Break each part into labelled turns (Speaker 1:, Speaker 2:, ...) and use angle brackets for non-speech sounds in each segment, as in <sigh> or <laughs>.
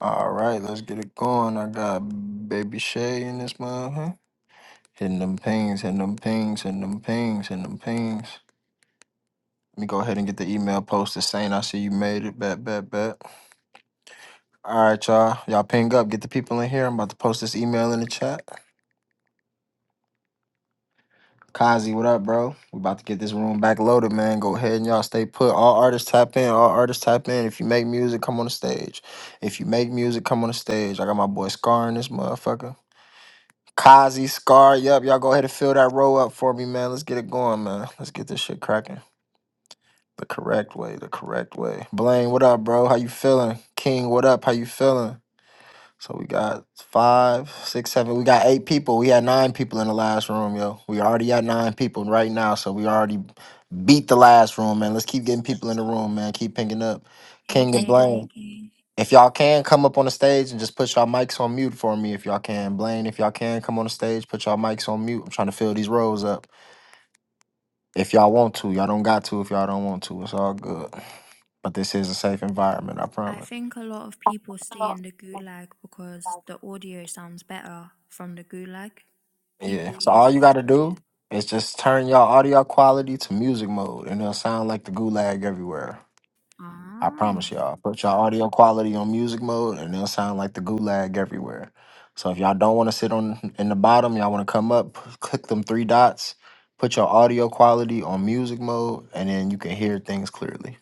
Speaker 1: All right, let's get it going. I got Baby Shay in this mother. Hitting them pings, hitting them pings, hitting them pings, hitting them pings. Let me go ahead and get the email posted saying I see you made it. Bet, bet, bet. All right, y'all. Y'all ping up. Get the people in here. I'm about to post this email in the chat. Kazi, what up, bro? We about to get this room back loaded, man. Go ahead and y'all stay put. All artists tap in. All artists tap in. If you make music, come on the stage. If you make music, come on the stage. I got my boy Scar in this motherfucker. Kazi, Scar, yep, y'all go ahead and fill that row up for me, man. Let's get it going, man. Let's get this shit cracking. The correct way, the correct way. Blaine, what up, bro? How you feeling? King, what up? How you feeling? So we got five, six, seven. We got eight people. We had nine people in the last room, yo. We already at nine people right now, so we already beat the last room, man. Let's keep getting people in the room, man. Keep picking up.
Speaker 2: Hey
Speaker 1: King and
Speaker 2: Blaine,
Speaker 1: Blaine.
Speaker 2: hey King.
Speaker 1: If y'all can come up on the stage and just put y'all mics on mute for me, if y'all can, Blaine, if y'all can come on the stage, put y'all mics on mute. I'm trying to fill these rows up. If y'all want to, y'all don't got to. If y'all don't want to, it's all good. But this is a safe environment, I
Speaker 2: I
Speaker 1: promise.
Speaker 2: think a lot of people stay in the gulag because the audio sounds better from the gulag.
Speaker 1: Yeah.
Speaker 2: People
Speaker 1: So all you
Speaker 2: usually,
Speaker 1: gotta do
Speaker 2: yeah.
Speaker 1: is just turn your audio quality to music mode, and it'll sound like the gulag everywhere. I
Speaker 2: Ah,
Speaker 1: promise y'all. Put your audio quality on music mode, and it'll sound like the gulag everywhere. So if y'all don't want to sit on in the bottom, y'all want to come up, p- click them three dots, put your audio quality on music mode, and then you can hear things clearly.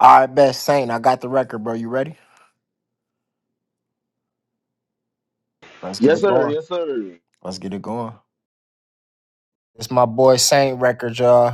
Speaker 1: All right, best Saint, I got the record, bro. You ready? Let's get
Speaker 3: Yes,
Speaker 1: it
Speaker 3: sir.
Speaker 1: going.
Speaker 3: Yes, sir.
Speaker 1: Let's get it going. It's my boy Saint record, y'all.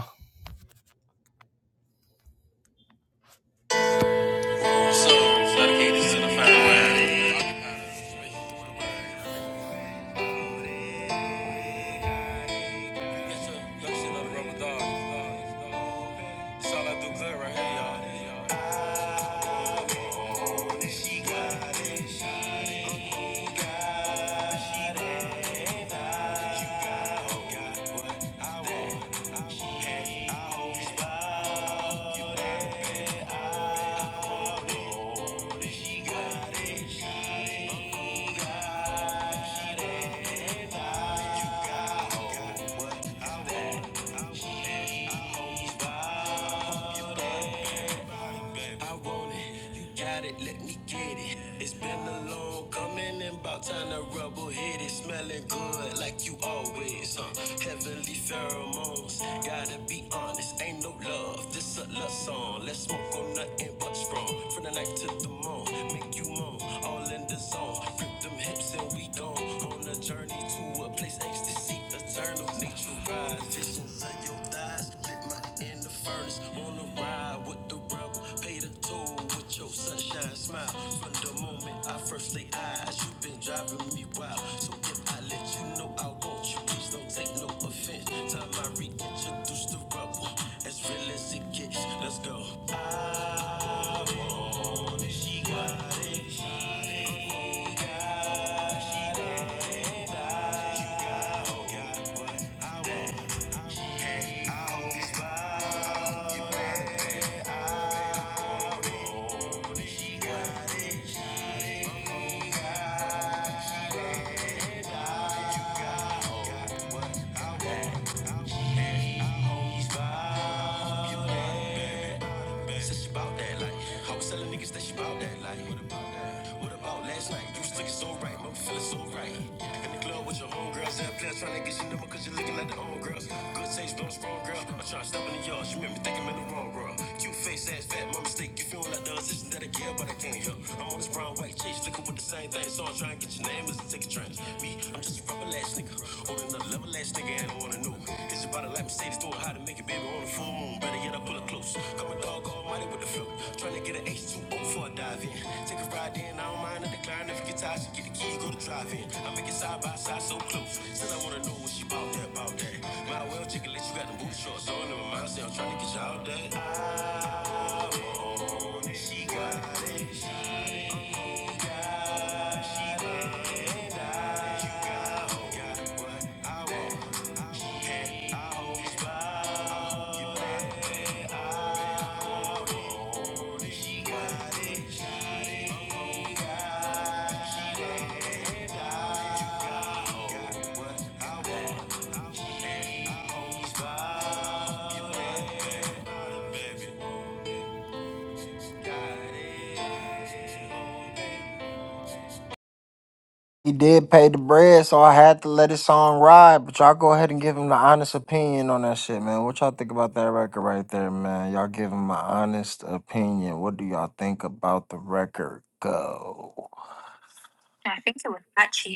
Speaker 1: He did pay the bread, so I had to let his song ride. But y'all go ahead and give him the honest opinion on that shit, man. What y'all think about that record right there, man? Y'all give him an honest opinion. What do y'all think about the record? Go.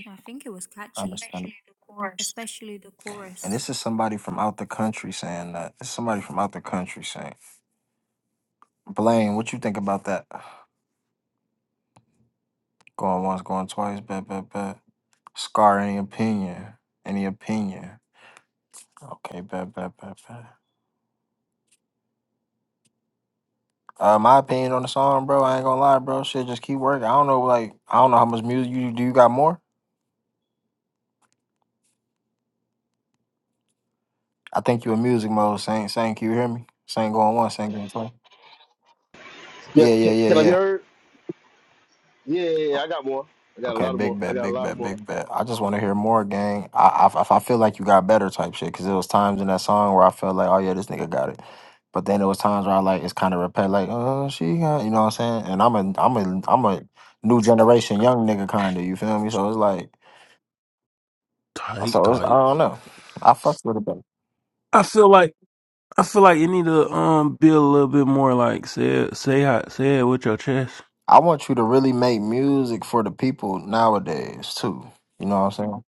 Speaker 2: I think it was catchy,
Speaker 1: Understand.
Speaker 2: especially the
Speaker 1: And
Speaker 2: chorus.
Speaker 1: this is somebody from out the country saying that. This is somebody from out the country saying. Blaine, what you think about that? Going once, going twice, bet, bet, bet. Scar, any opinion? Any opinion? Okay, bet, bet, bet, bet. Uh, my opinion on the song, bro. I ain't gonna lie, bro. Shit, just keep working. I don't know, like, I don't know how much music you do. You got more? I think you in music mode. Same, same. Can you hear me? Same going once. Same going twice.
Speaker 3: Yeah,
Speaker 1: Yeah, yeah,
Speaker 3: can,
Speaker 1: yeah,
Speaker 3: can I be
Speaker 1: yeah.
Speaker 3: heard? Yeah, yeah, yeah,
Speaker 1: O-
Speaker 3: I got more. I got a
Speaker 1: Okay,
Speaker 3: lot of more.
Speaker 1: big
Speaker 3: I
Speaker 1: bet,
Speaker 3: got a
Speaker 1: big
Speaker 3: lot
Speaker 1: bet,
Speaker 3: more.
Speaker 1: big bet. I just want to hear more, gang. I, I, if I feel like you got better, type shit. Cause there was times in that song where I felt like, oh yeah, this nigga got it. But then there was times where I like it's kind of repet, like, oh she got, you know what I'm saying? And I'm a, I'm a, I'm a new generation young nigga kind of. You feel me? So it's like.
Speaker 4: Tight,
Speaker 1: So it's, I
Speaker 4: tight.
Speaker 1: don't know. I fucks with it, but
Speaker 4: I feel like I feel like you need to um be a little bit more like say it, say how say it with your chest.
Speaker 1: I want you to really make music for the people nowadays too. You know what I'm saying?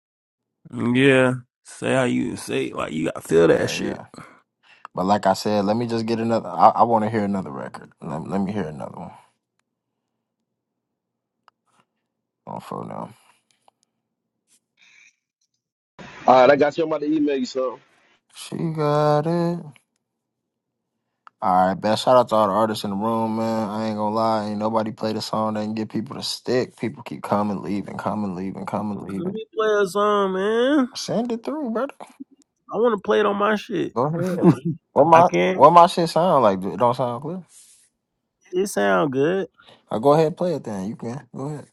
Speaker 4: Yeah, say how you say it, like you gotta feel that
Speaker 1: Yeah,
Speaker 4: shit.
Speaker 1: yeah. But like I said, let me just get another. I, I want to hear another record. Let, let me hear another one on phone now.
Speaker 3: All right, I got you. I'm about to email you something.
Speaker 1: She got it. All right, best shout out to all the artists in the room, man. I ain't gonna lie, ain't nobody played a song that can get people to stick. People keep coming, leaving, coming, leaving, coming,
Speaker 4: Let
Speaker 1: leaving.
Speaker 4: me play a song, man.
Speaker 1: Send it through, brother.
Speaker 4: I want to play it on my shit.
Speaker 1: Go
Speaker 4: <laughs>
Speaker 1: ahead. What
Speaker 4: I
Speaker 1: my
Speaker 4: can.
Speaker 1: what my shit sound like? It don't sound clear.
Speaker 4: It sound good.
Speaker 1: Oh, go ahead, and play it then. You can go ahead.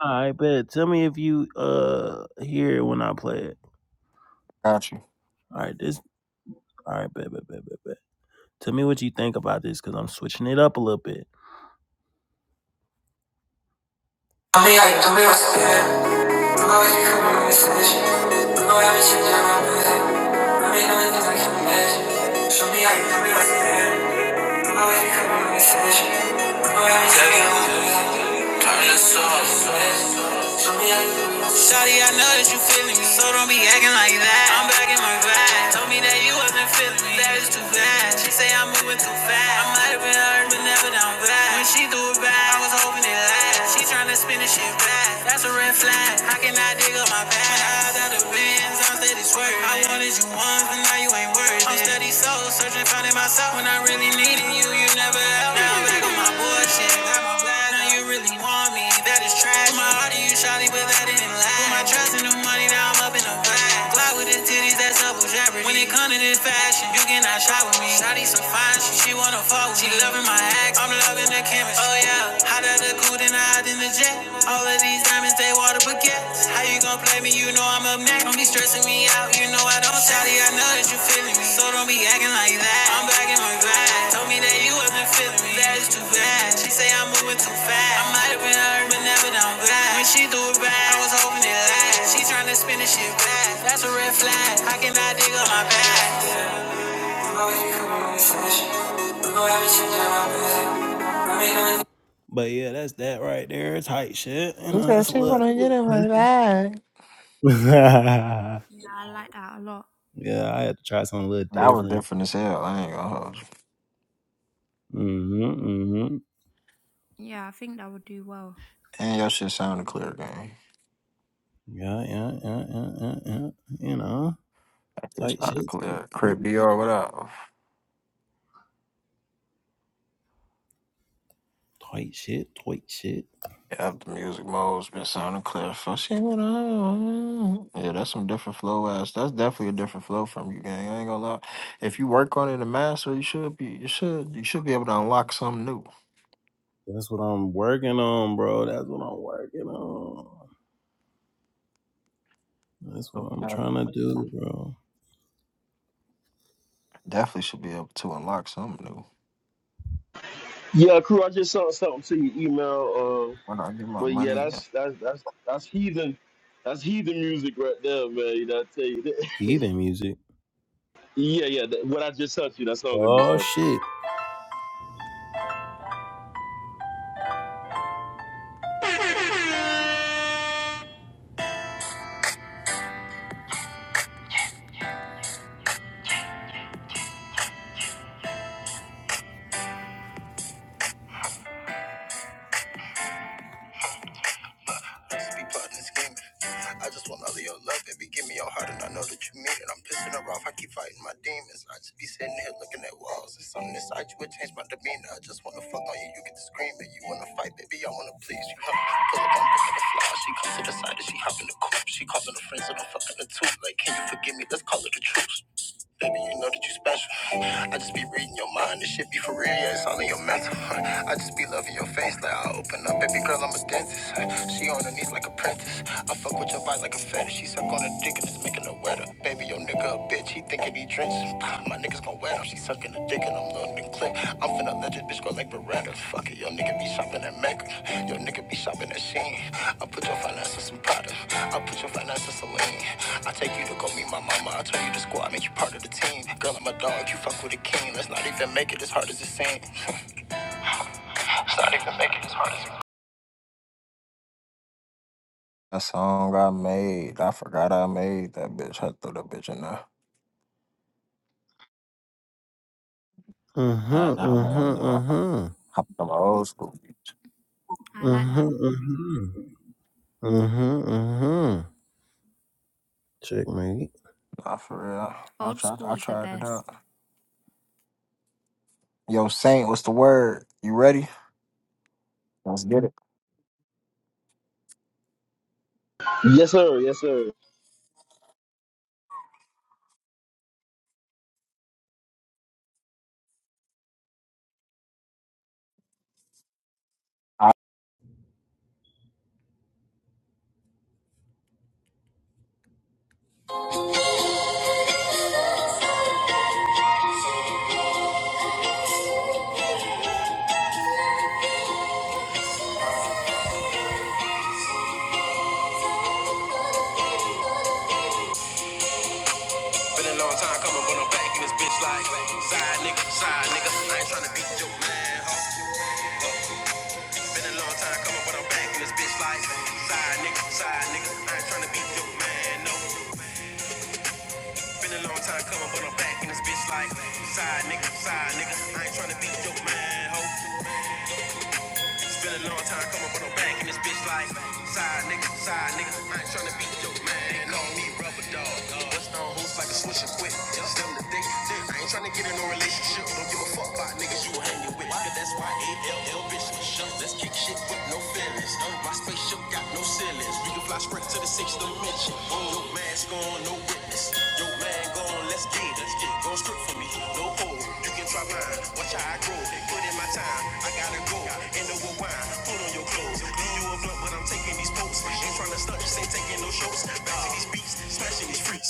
Speaker 4: All right, bet. Tell me if you uh hear it when I play it.
Speaker 1: Got you.
Speaker 4: All right, this. All right, bet, bet, bet, bet, bet. Tell me what you think about this, cause I'm switching it up a little bit. Amiga, y tú me vas a ver. Tú me vas a dejar un mensaje. Tú me vas a decir ya no me sé. Mami, no me entiendes que me ves. Yo, amiga, y tú me vas a ver. Tú me vas a dejar un mensaje. Tú me vas a decir ya no me sé. Mami, no me entiendes que me ves. Yo, amiga, y tú me vas a ver. Shawty, I know that you feeling me, so don't be acting like that. I'm back in my bag. Told me that you wasn't feeling me, that is too bad. She say I'm moving too fast. I might have been hurt, but never down bad. When she threw it back, I was hoping it last. She tryna spin this shit back. That's a red flag. How can I dig up my past? When I hopped out of the Benz, steady swerving. I wanted you once, but now you ain't worth it. I'm steady soul searching, finding myself. When I really needed you, you never helped. Now back on my bullshit. Got my back. Now you really want me. That is trash. Put my heart to you, shawty, but that didn't last. Put my trust in the money, now I'm up in the bag. Fly with the titties, that's double jeopardy. When it comes to this fashion, you cannot shop with me. Shawty so fine, she, she wanna fuck with me. She loving my act, I'm loving the chemistry. Oh yeah, how the out of the coupe, then I hopped in the jet. All of these diamonds, they water baguettes. How you gon' play me? You know I'm up next. Don't be stressing me out. You know I don't Shawty, I know that you feeling me. So don't be acting like that. I'm back in my bag. Told me that you wasn't feeling me. That is too bad. She say I'm moving too fast. I might have been hurt, but never down bad. When she threw it back, I was hoping it last. She tryna spin this shit back. That's a red flag. How can I cannot dig up my bag. But yeah, that's that right there. Tight shit. You
Speaker 1: You
Speaker 4: know, that's
Speaker 1: said
Speaker 4: a
Speaker 1: you
Speaker 4: little.
Speaker 1: wanna get in my bag.
Speaker 4: <laughs> yeah,
Speaker 2: Yeah, I like that a lot.
Speaker 4: I had to try something a little
Speaker 1: That was
Speaker 4: different.
Speaker 1: different as hell. I ain't gonna hold you.
Speaker 4: Mm-hmm. Mm-hmm.
Speaker 2: Yeah, I think that would do well.
Speaker 1: And your shit sounded clear, gang.
Speaker 4: Yeah, yeah, yeah, yeah, yeah, yeah. You know,
Speaker 1: That shit
Speaker 4: tight
Speaker 1: sounded
Speaker 4: shit. Tight
Speaker 1: clear.
Speaker 4: shit.
Speaker 1: Crip DR, what up?
Speaker 4: Tight shit. Tight shit.
Speaker 1: Yeah, the music mode's been sounding clear for shit. What up? Yeah, that's some different flow ass. That's definitely a different flow from you, gang. I ain't gonna lie. If you work on it and master, you should be. You should. You should be able to unlock something new.
Speaker 4: That's what I'm working on, bro. That's what I'm working on. That's what I'm
Speaker 1: Okay.
Speaker 4: trying to do, bro.
Speaker 1: Definitely should be able to unlock something new.
Speaker 3: Yeah, crew, I just sent something to your email. Uh,
Speaker 1: When I get my
Speaker 3: but yeah,
Speaker 1: money,
Speaker 3: that's that's that's that's heathen. That's heathen music right there, man. You know, I tell you. That. <laughs>
Speaker 4: Heathen music.
Speaker 3: Yeah, yeah. That, what I just sent you, that song I just
Speaker 4: Oh
Speaker 3: sent
Speaker 4: shit.
Speaker 1: I just want all of your love, baby. Give me your heart, and I know that you mean it. I'm pissing her off. I keep fighting my demons. I just be sitting here looking at walls. There's something inside you would changed my demeanor. I just wanna fuck on you. You get to screaming. You wanna fight, baby. I wanna please you. Huh? Pull up, I'm picking the fly. She comes to the side and she hop in the coupe. She calling her friends and I'm fucking the tooth. Like, can you forgive me? Let's call it a truce. Baby, you know that you special. I just be reading your mind. This shit be for real, yeah, it's all in your mental. I just be loving your face like I open up. Baby girl, I'm a dentist. She on her knees like a princess. I fuck with your body like a fetish. She suck on her dick and it's making her wetter. Baby, your nigga a bitch. He thinking he drenches. My niggas gon' wet him. She sucking her dick and I'm loading the clip. I'm finna let this bitch go like Beretta. Fuck it, your nigga be shopping at Mecca. Your nigga be shopping at Sheen. I put your finances in Prada. I put your finances in Celine. I take you to go meet my mama. I tell you the squad, make you part of the team. Girl, I'm a dog. You fuck with a king. Let's not even make it as hard as it seems. Let's not even make it as hard as it seems. That song I made, I forgot I made that bitch. I threw the bitch in there. I,
Speaker 4: Uh-huh.
Speaker 1: I don't want
Speaker 4: Uh-huh.
Speaker 1: to do it.
Speaker 4: Uh-huh.
Speaker 1: I'm I'm old school.
Speaker 2: I like that.
Speaker 4: Uh-huh. Uh-huh. Uh-huh. Uh-huh. Checkmate.
Speaker 1: Nah, for real. I
Speaker 2: Old
Speaker 1: tried.
Speaker 2: school
Speaker 1: I
Speaker 2: is the
Speaker 1: tried it
Speaker 2: best.
Speaker 1: out. Yo, Saint, what's the word? You ready? Let's get it.
Speaker 3: you. Yes, sir. Yes, sir.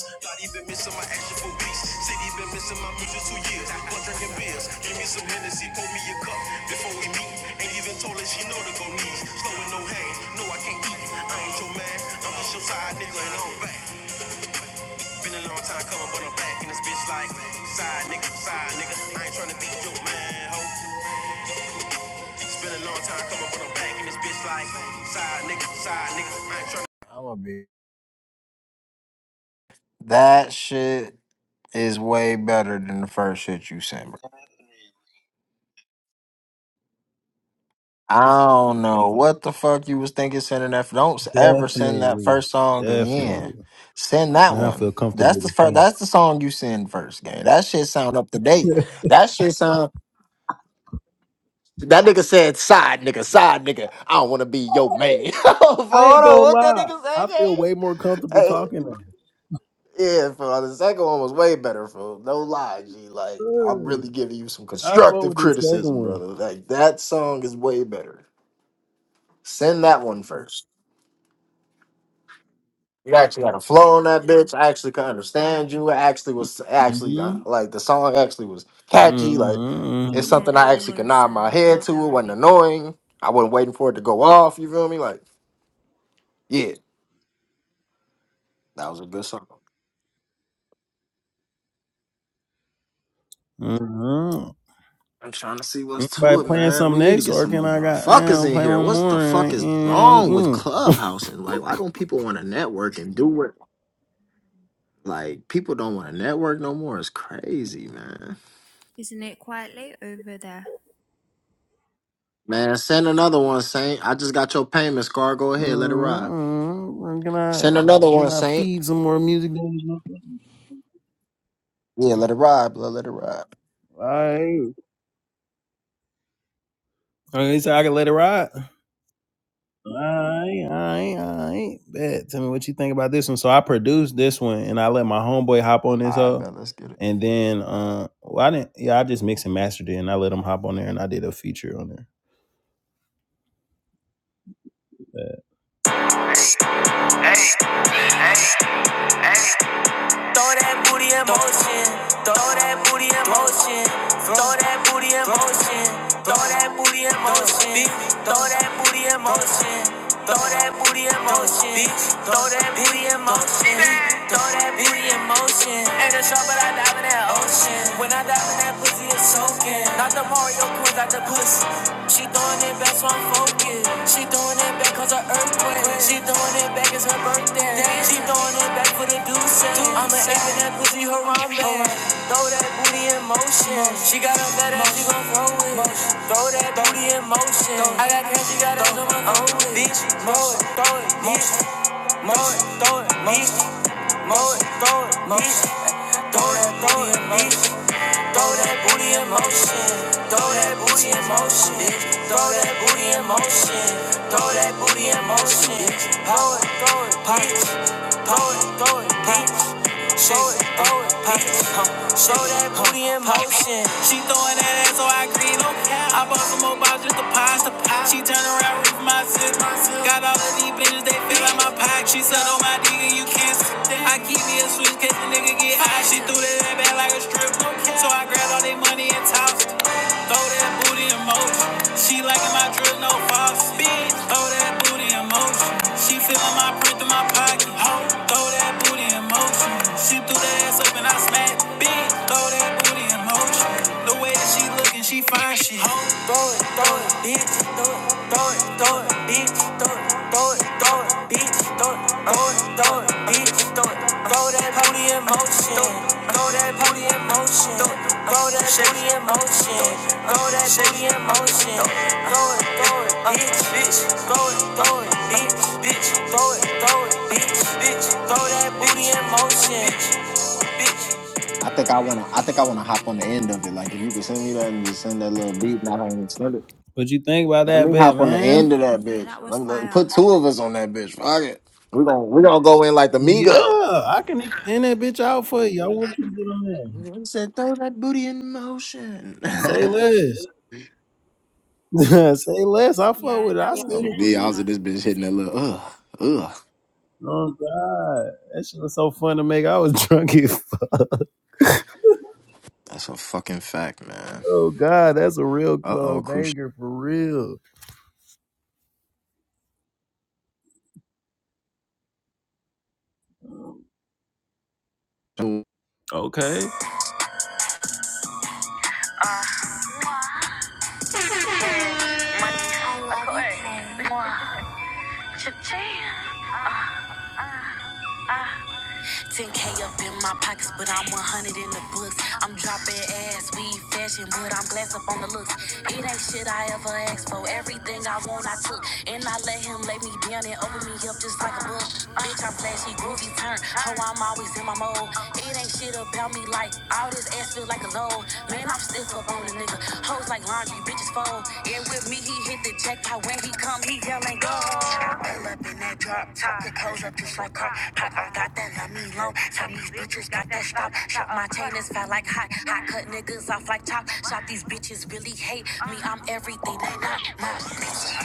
Speaker 1: God, he been missing my action for weeks. Said he been missing my music two years. But drinking beers, give me some Hennessy, pour me a cup before we meet. Ain't even told her she know to go knees. Slow with no hay, no I can't eat. I ain't your man, I'm just your side nigga and I'm back. Been a long time coming, but I'm back in this bitch like side nigga, side nigga. I ain't tryna be your man, ho. It's been a long time coming, but I'm back in this bitch like side nigga, side nigga. I'm a bitch. That shit is way better than the first shit you sent, bro. I don't know what the fuck you was thinking sending that. Don't s- ever send that
Speaker 4: Definitely.
Speaker 1: first song
Speaker 4: Definitely.
Speaker 1: again. Send that
Speaker 4: Now I feel
Speaker 1: one.
Speaker 4: comfortable
Speaker 1: That's the
Speaker 4: to
Speaker 1: first.
Speaker 4: talk.
Speaker 1: That's the song you send first, gang. That shit sound up to date.
Speaker 4: <laughs>
Speaker 1: That shit sound. That nigga said side nigga, side nigga. I don't want to be your man. <laughs> Hold
Speaker 4: I ain't
Speaker 1: on,
Speaker 4: gonna
Speaker 1: what that
Speaker 4: lie.
Speaker 1: nigga say,
Speaker 4: I feel
Speaker 1: gang?
Speaker 4: way more comfortable
Speaker 1: Hey,
Speaker 4: talking now.
Speaker 1: yeah, for the second one was way better. For no lie, G. Like I'm
Speaker 4: Hey,
Speaker 1: really giving you some
Speaker 4: I fuck
Speaker 1: constructive
Speaker 4: with this second
Speaker 1: criticism,
Speaker 4: one.
Speaker 1: brother. Like that song is way better. Send that one first. You actually had a flow on that bitch. I actually could understand you. I actually was actually uh,
Speaker 4: Mm-hmm.
Speaker 1: like the song actually was catchy. Like it's
Speaker 2: Yeah,
Speaker 4: Mm-hmm.
Speaker 1: something
Speaker 2: that
Speaker 1: I
Speaker 2: one
Speaker 1: actually could
Speaker 2: was
Speaker 1: nod my
Speaker 2: um, a
Speaker 1: head
Speaker 2: lot
Speaker 1: to. It
Speaker 2: better, I
Speaker 1: wasn't
Speaker 2: think.
Speaker 1: annoying. I wasn't waiting for it to go off. You feel me? Like yeah, that was a good song.
Speaker 4: Mm-hmm. mm-hmm.
Speaker 1: I'm trying to see what's
Speaker 4: by
Speaker 1: to it,
Speaker 4: playing
Speaker 1: man.
Speaker 4: some
Speaker 1: We need to
Speaker 4: next,
Speaker 1: get
Speaker 4: or
Speaker 1: some
Speaker 4: can
Speaker 1: more
Speaker 4: I got
Speaker 1: motherfuckers
Speaker 4: damn
Speaker 1: in
Speaker 4: play
Speaker 1: here.
Speaker 4: one
Speaker 1: What's
Speaker 4: more?
Speaker 1: the fuck
Speaker 4: And,
Speaker 1: is
Speaker 4: and,
Speaker 1: wrong with
Speaker 4: and,
Speaker 1: Clubhouse and like why don't people want to network and do it? Like people don't want to network no more. It's crazy, man.
Speaker 2: Isn't it quite late over there?
Speaker 1: Man, send another one, Saint. I just got your payment, Scar. Go ahead, let it
Speaker 4: mm,
Speaker 1: ride.
Speaker 4: mm, can I
Speaker 1: Send another
Speaker 4: can
Speaker 1: one,
Speaker 4: I
Speaker 1: Saint.
Speaker 4: feed some more music?
Speaker 1: Yeah, let it ride, blood. Let it ride.
Speaker 4: Alright, okay, so I can let it ride. Alright, alright, alright. Bet. Tell me what you think about this one. So I produced this one, and I let my homeboy hop on
Speaker 1: All
Speaker 4: this
Speaker 1: right,
Speaker 4: hoe.
Speaker 1: bet. Let's get it.
Speaker 4: And then, uh, well, I didn't. Yeah, I just mixed and mastered it, and I let him hop on there, and I did a feature on there. Bet. Throw that booty in motion. Throw that booty in motion. Throw that booty in motion. Throw that booty in motion. Throw that booty in motion. Throw that booty in motion. Throw that booty in motion. Throw that booty in motion. Ain't a shot, but I dive in that ocean. When I dive in that pussy, it's soaking. Not the Mario Queens, not the pussy. She throwing it back, so I'm focused. She throwing it back cause her earthquake. She throwing it back, it's her birthday. She throwing it back for the deuce. I'ma aim in that pussy harambe. Throw that booty in motion. She got a fat ass, she gon' throw it. Throw that booty in motion. I got cash, she got ass, On my going Bitch, throw it, throw it, bitch. Throw it, throw it, bitch. Mow it, throw it, motion. Throw that booty in motion. Throw that booty in motion. Throw that booty in motion. bitch. Throw that booty in motion. Throw that booty in motion. bitch. Hoe it, throw it, punch. Throw it, throw it, punch. Show it, throw pop it, huh? Show that booty in motion. She throwing that ass, so I agree, no I bought some more bottles just to pass the pot. She turn around with my sis. Got all of these bitches, they feel like my pack. She said, on my dick and you can't see I keep me a switch, case the nigga get high. She threw that at back like a strip, no So I grabbed all they money and tossed it. Throw that booty in motion. She liking my drill, no false. Bitch, throw that booty in motion. She feelin' my print through my pocket. Ho, throw that booty in motion. She threw the ass up and I smacked. Bitch, throw that booty in motion. The way that she lookin', she fine shit. Ho, throw it, throw it, bitch. Throw it, throw it, throw it, bitch. Throw it, throw it, throw it, bitch. Throw it, throw it, throw it, bitch. Throw it, throw that booty in motion. Throw that booty in motion. Throw that booty in motion. Throw that booty in motion. Throw it, throw it, bitch, bitch. Throw it, throw it, bitch, bitch. Throw it, throw it, bitch, bitch. Throw that booty in motion, bitch.
Speaker 1: I think I wanna. I think I wanna hop on the end of it. Like if you could send me that and just send that little beat, and I don't even send it.
Speaker 4: What you think about
Speaker 1: Let
Speaker 4: that
Speaker 1: me
Speaker 4: bet,
Speaker 1: hop on the
Speaker 4: man?
Speaker 1: end of that
Speaker 2: Yeah,
Speaker 1: bitch.
Speaker 2: that was
Speaker 1: Let me let, me put
Speaker 2: fire.
Speaker 1: two of us on that bitch. Fuck it. We gonna we gonna go in like the
Speaker 4: Yeah,
Speaker 1: Migos.
Speaker 4: I can extend that bitch out for you. I want you to get on there.
Speaker 1: You said throw that booty in motion. <laughs>
Speaker 4: Say less. <laughs> Say less. I fuck
Speaker 2: Yeah,
Speaker 4: with it. I
Speaker 2: that will
Speaker 4: send
Speaker 2: be
Speaker 1: oh
Speaker 4: it to
Speaker 1: me, I
Speaker 4: you.
Speaker 1: was in
Speaker 2: popular,
Speaker 1: this bitch
Speaker 2: I
Speaker 1: hitting that
Speaker 2: think.
Speaker 1: little ugh ugh.
Speaker 4: Oh God, that shit was so fun to make. I was <laughs> drunk as fuck.
Speaker 1: That's a fucking fact, man.
Speaker 4: Oh God, that's a real
Speaker 1: Uh oh,
Speaker 4: club
Speaker 1: crucial.
Speaker 4: banger for real.
Speaker 1: I love you,
Speaker 4: Okay,
Speaker 1: Tay. Mwah. Cha-ching. Ah. 10K up in my pockets, but I'm 100 in the books. I'm dropping ass, we fashion, but I'm glass up on the looks. It ain't shit I ever asked for. Everything I want, I took. And I let him lay me down and open me up just like a book. Bitch, I'm flashy, groovy, turn. Ho, I'm always in my mode. It ain't shit about me like all this ass feel like a load. Man, I'm stiff up on a nigga. Hoes like laundry, bitches fold. And with me, he hit the jackpot. When he come, he yell go. Pull up in that drop top, pick hoes up just like car. Pop, I got that, let me alone. Top these bitches got that stop. Shot my chain is fat like hot. I cut niggas off like top. Shot these bitches really hate me. I'm everything they not.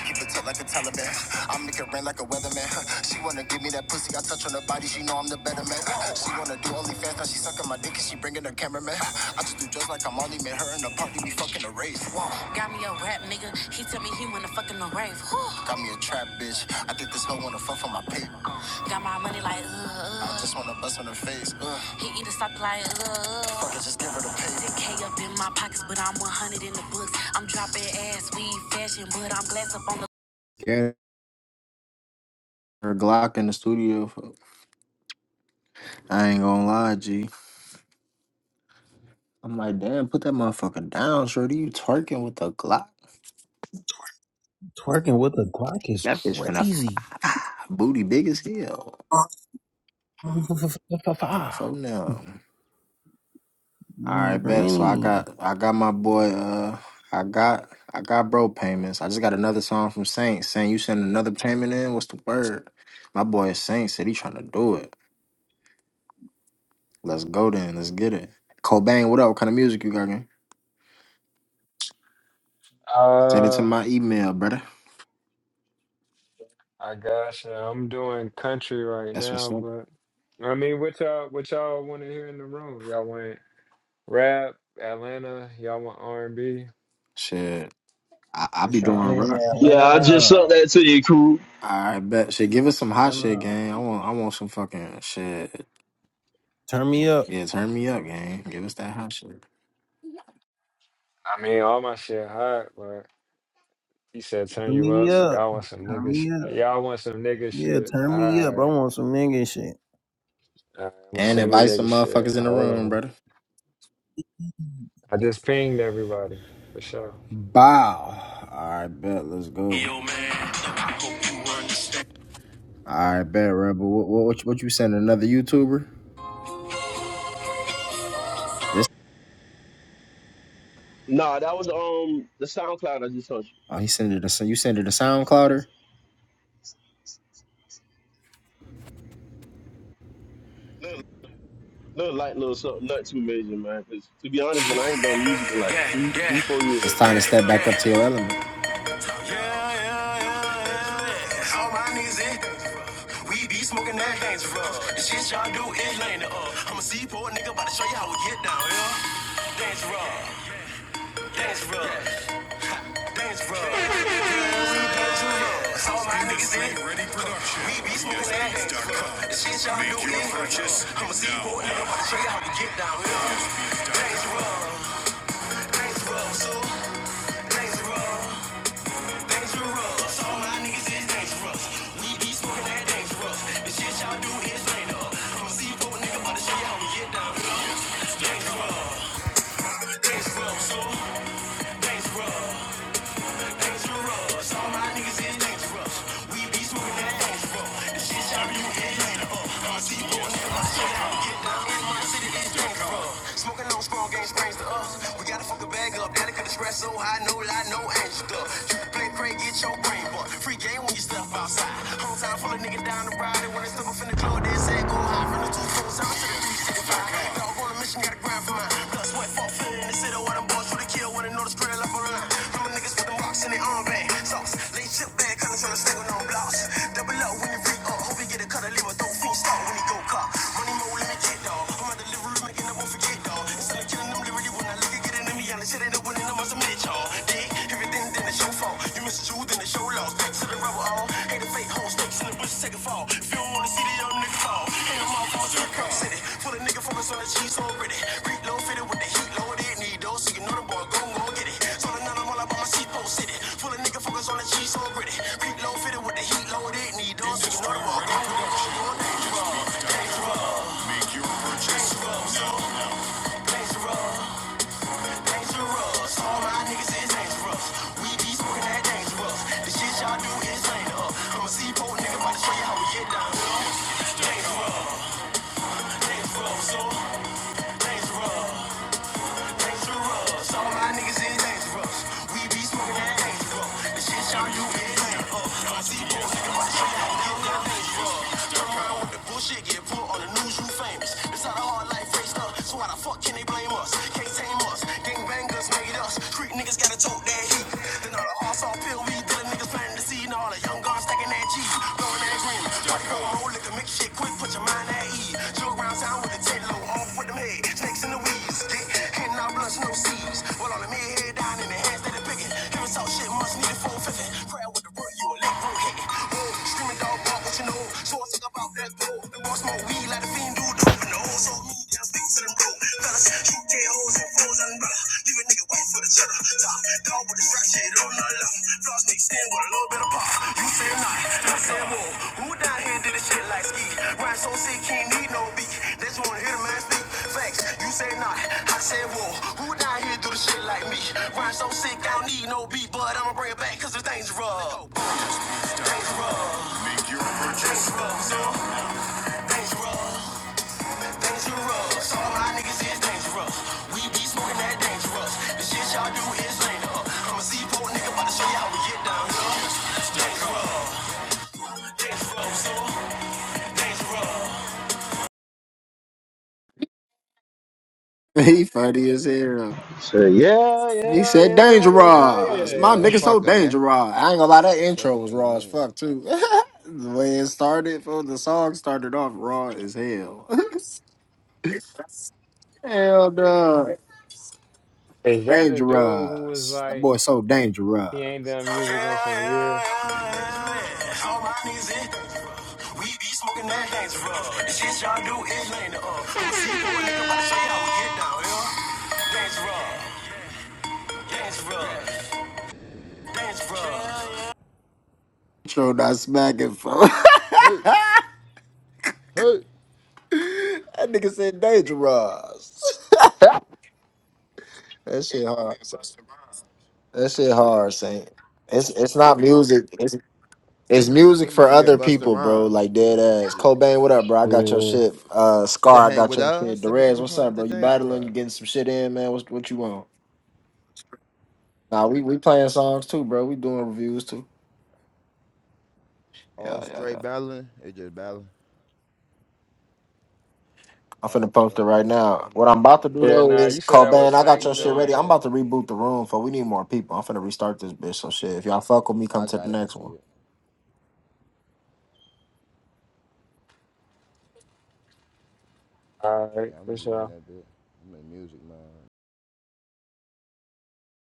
Speaker 1: I keep it tight like a Taliban. I make it rain like a weatherman. She wanna give me that pussy. I touch on her body. She know I'm the better man. She wanna do OnlyFans. Now she sucking my dick and she bringing her cameraman. I just do drugs like I'm Molly man. Her in the party be fucking a race. Whoa. Got me a rap nigga. He tell me he wanna fucking a rave. Whew. Got me a trap bitch. I think this hoe wanna fuck for my paper. Got my money like. Ugh. I just wanna bust on her face. Ugh. He eat a like, ugh. Or just give her the The pay. ten K up in my pockets, but I'm 100 in the books. I'm dropping ass, we fashion, but I'm glass up on the. Yeah, her Glock in the studio. I ain't gonna lie, G. I'm like, damn, put that motherfucker down, shorty. You twerking with the Glock?
Speaker 4: Twerking with a Glock is
Speaker 1: That bitch finna
Speaker 4: crazy.
Speaker 1: <laughs> booty big as hell.
Speaker 4: <laughs> mm,
Speaker 1: Fuck now. All right, bet. So I
Speaker 4: Granny,
Speaker 1: got I got my boy uh I got I got bro payments. I just got another song from Saint saying you send another payment in. What's the word? My boy Saint said he trying to do it. Let's go then. Let's get it. Cobain, what up? What kind of music you got? gang? Send it to
Speaker 5: Uh,
Speaker 1: my email, brother.
Speaker 5: I guess uh, I'm doing country right
Speaker 1: That's what's
Speaker 5: now,
Speaker 1: up.
Speaker 5: but I mean, what y'all, what y'all want to hear in the room? Y'all want rap, Atlanta? Y'all want R and B?
Speaker 1: Shit. I, I
Speaker 5: What
Speaker 1: be doing
Speaker 4: you
Speaker 5: y'all?
Speaker 1: rock.
Speaker 3: Yeah, I just sent
Speaker 4: Atlanta.
Speaker 3: that to you, crew.
Speaker 1: All right, bet. Shit, give us some hot shit,
Speaker 4: Atlanta.
Speaker 1: gang. I want I want some fucking shit.
Speaker 4: turn me up,
Speaker 1: Yeah, turn me up, gang. Give us that hot shit.
Speaker 5: I mean, all my shit hot, but he said turn
Speaker 4: turn
Speaker 5: you
Speaker 4: me
Speaker 5: up. So
Speaker 4: up,
Speaker 5: y'all want some
Speaker 4: turn
Speaker 5: nigga
Speaker 4: me
Speaker 5: shit?
Speaker 4: up.
Speaker 5: Y'all want some nigga
Speaker 4: Yeah,
Speaker 5: shit?
Speaker 4: turn
Speaker 5: All
Speaker 4: me up. I
Speaker 5: right,
Speaker 4: want some nigga shit.
Speaker 5: all right, I'm gonna
Speaker 1: And
Speaker 5: send the
Speaker 1: invite
Speaker 5: nigga
Speaker 1: some
Speaker 5: shit.
Speaker 1: motherfuckers in the
Speaker 5: Hold
Speaker 1: room,
Speaker 5: on,
Speaker 1: brother.
Speaker 5: I just pinged everybody for sure.
Speaker 1: Bow. All right, bet. Let's go. All right, bet, Rebel. What, what, what, you, what you sending? Another YouTuber? This?
Speaker 3: Nah, that was um the SoundCloud I just sent you.
Speaker 1: Oh, he sending it. A, you sending it a SoundClouder?
Speaker 3: Little light, little something, not too major, man. 'Cause to be honest, man, I ain't done music in like three, three, four years,
Speaker 1: It's time to
Speaker 3: man.
Speaker 1: step back up to your element. If bullshit get put on the news, you famous. It's not a hard life faced up. So why the fuck can they blame us? Can't tame us. Gang bangers made us. Street niggas gotta tote that heat. Then all the hard saw pill weed. Then the niggas planting the seed. And all the young guns stacking that G. Blowing that green. Try to go a whole liquor, make shit quick. Put your mind at ease. Jog around town with a tent low. Off with them head. Snakes in the weeds. Get hitting out blunts, no seeds. Well, all the men head down in the hands that are picking. Heaven talk shit, must need a full fifth. Prayer with the root, you a lick, bro, hit it. Street dog walk what you know. So I think about that blow. They want smoke weed like the fiend do dope. And the old soul me, just things to them dope. Fellas, shoot their hoes and foes and brother. Leave a nigga wait for the cheddar. Top dog with this rap shit on the left. Floss niggas stand with a little bit of pop. You say not, I say whoa. Who down here did this shit like ski? Ryan so sick, can't need no beat. They just wanna hear the man speak. Facts, you say not, I say whoa. Who down here do the shit like me? Ryan so sick, I don't need no beat, but I'ma bring it back cause it's dangerous. <laughs> He funny as hell.
Speaker 3: So yeah,
Speaker 1: He
Speaker 3: yeah,
Speaker 1: said
Speaker 3: yeah,
Speaker 6: Yeah, we up in
Speaker 1: dangerous.
Speaker 6: there,
Speaker 1: My
Speaker 3: yeah, yeah.
Speaker 1: nigga so
Speaker 6: motherfucker, man.
Speaker 1: dangerous. I ain't gonna lie, that intro
Speaker 6: Fucking
Speaker 1: was
Speaker 6: nigga
Speaker 1: raw as
Speaker 6: mean.
Speaker 1: fuck too. <laughs> the way it started, for the song started off raw as hell. <laughs> hell no.
Speaker 5: Is that the dude who was
Speaker 1: Dangerous. That
Speaker 5: like
Speaker 1: boy so dangerous.
Speaker 5: he ain't done music in some years?
Speaker 1: Intro not smacking for. <laughs>
Speaker 6: Hey, hey.
Speaker 1: that nigga said dangerous. <laughs> that shit hard. That shit hard, Saint. It's it's not music. It's
Speaker 6: It
Speaker 1: music for
Speaker 6: remind me of
Speaker 1: other
Speaker 6: Busta
Speaker 1: people, bro.
Speaker 6: Rhymes
Speaker 1: Like dead
Speaker 6: on some
Speaker 1: ass.
Speaker 6: shit.
Speaker 1: Cobain, what up, bro? I got your shit. Uh,
Speaker 6: But they
Speaker 1: Scar, I
Speaker 6: hang
Speaker 1: got
Speaker 6: with
Speaker 1: your shit.
Speaker 6: us, but they
Speaker 1: Derez, what's
Speaker 6: become
Speaker 1: up,
Speaker 6: with
Speaker 1: bro?
Speaker 6: the
Speaker 1: You
Speaker 6: danger
Speaker 1: battling? You
Speaker 6: ride.
Speaker 1: getting some shit in, man? What what you want? Nah, we we playing songs too, bro. We doing reviews too.
Speaker 6: All
Speaker 1: Yeah,
Speaker 6: it's
Speaker 1: yeah,
Speaker 6: straight
Speaker 1: yeah.
Speaker 6: battling, it just battling.
Speaker 1: I'm
Speaker 6: Oh,
Speaker 1: finna
Speaker 6: okay,
Speaker 1: post it
Speaker 6: okay.
Speaker 1: right
Speaker 6: Shit,
Speaker 1: now.
Speaker 6: I
Speaker 1: What
Speaker 6: might
Speaker 1: I'm
Speaker 6: fucking
Speaker 1: about
Speaker 6: right.
Speaker 1: to do
Speaker 6: Yeah.
Speaker 5: Yeah,
Speaker 1: though
Speaker 5: nah,
Speaker 1: is
Speaker 5: you said that
Speaker 1: Cobain,
Speaker 5: was
Speaker 1: I
Speaker 6: Put the
Speaker 1: got your
Speaker 5: Saint
Speaker 6: email
Speaker 1: shit
Speaker 6: in the
Speaker 1: ready.
Speaker 5: joint.
Speaker 1: I'm
Speaker 6: chat.
Speaker 1: about to reboot the room for we need more people. I'm finna restart this bitch. So shit, if y'all fuck with me, come
Speaker 6: I
Speaker 1: to the
Speaker 6: got it. I
Speaker 1: next
Speaker 6: see
Speaker 1: one.
Speaker 6: it.
Speaker 5: All right,
Speaker 6: Yeah, I'm
Speaker 5: for
Speaker 6: gonna be in
Speaker 5: sure.
Speaker 6: that bit. I'm in music, man.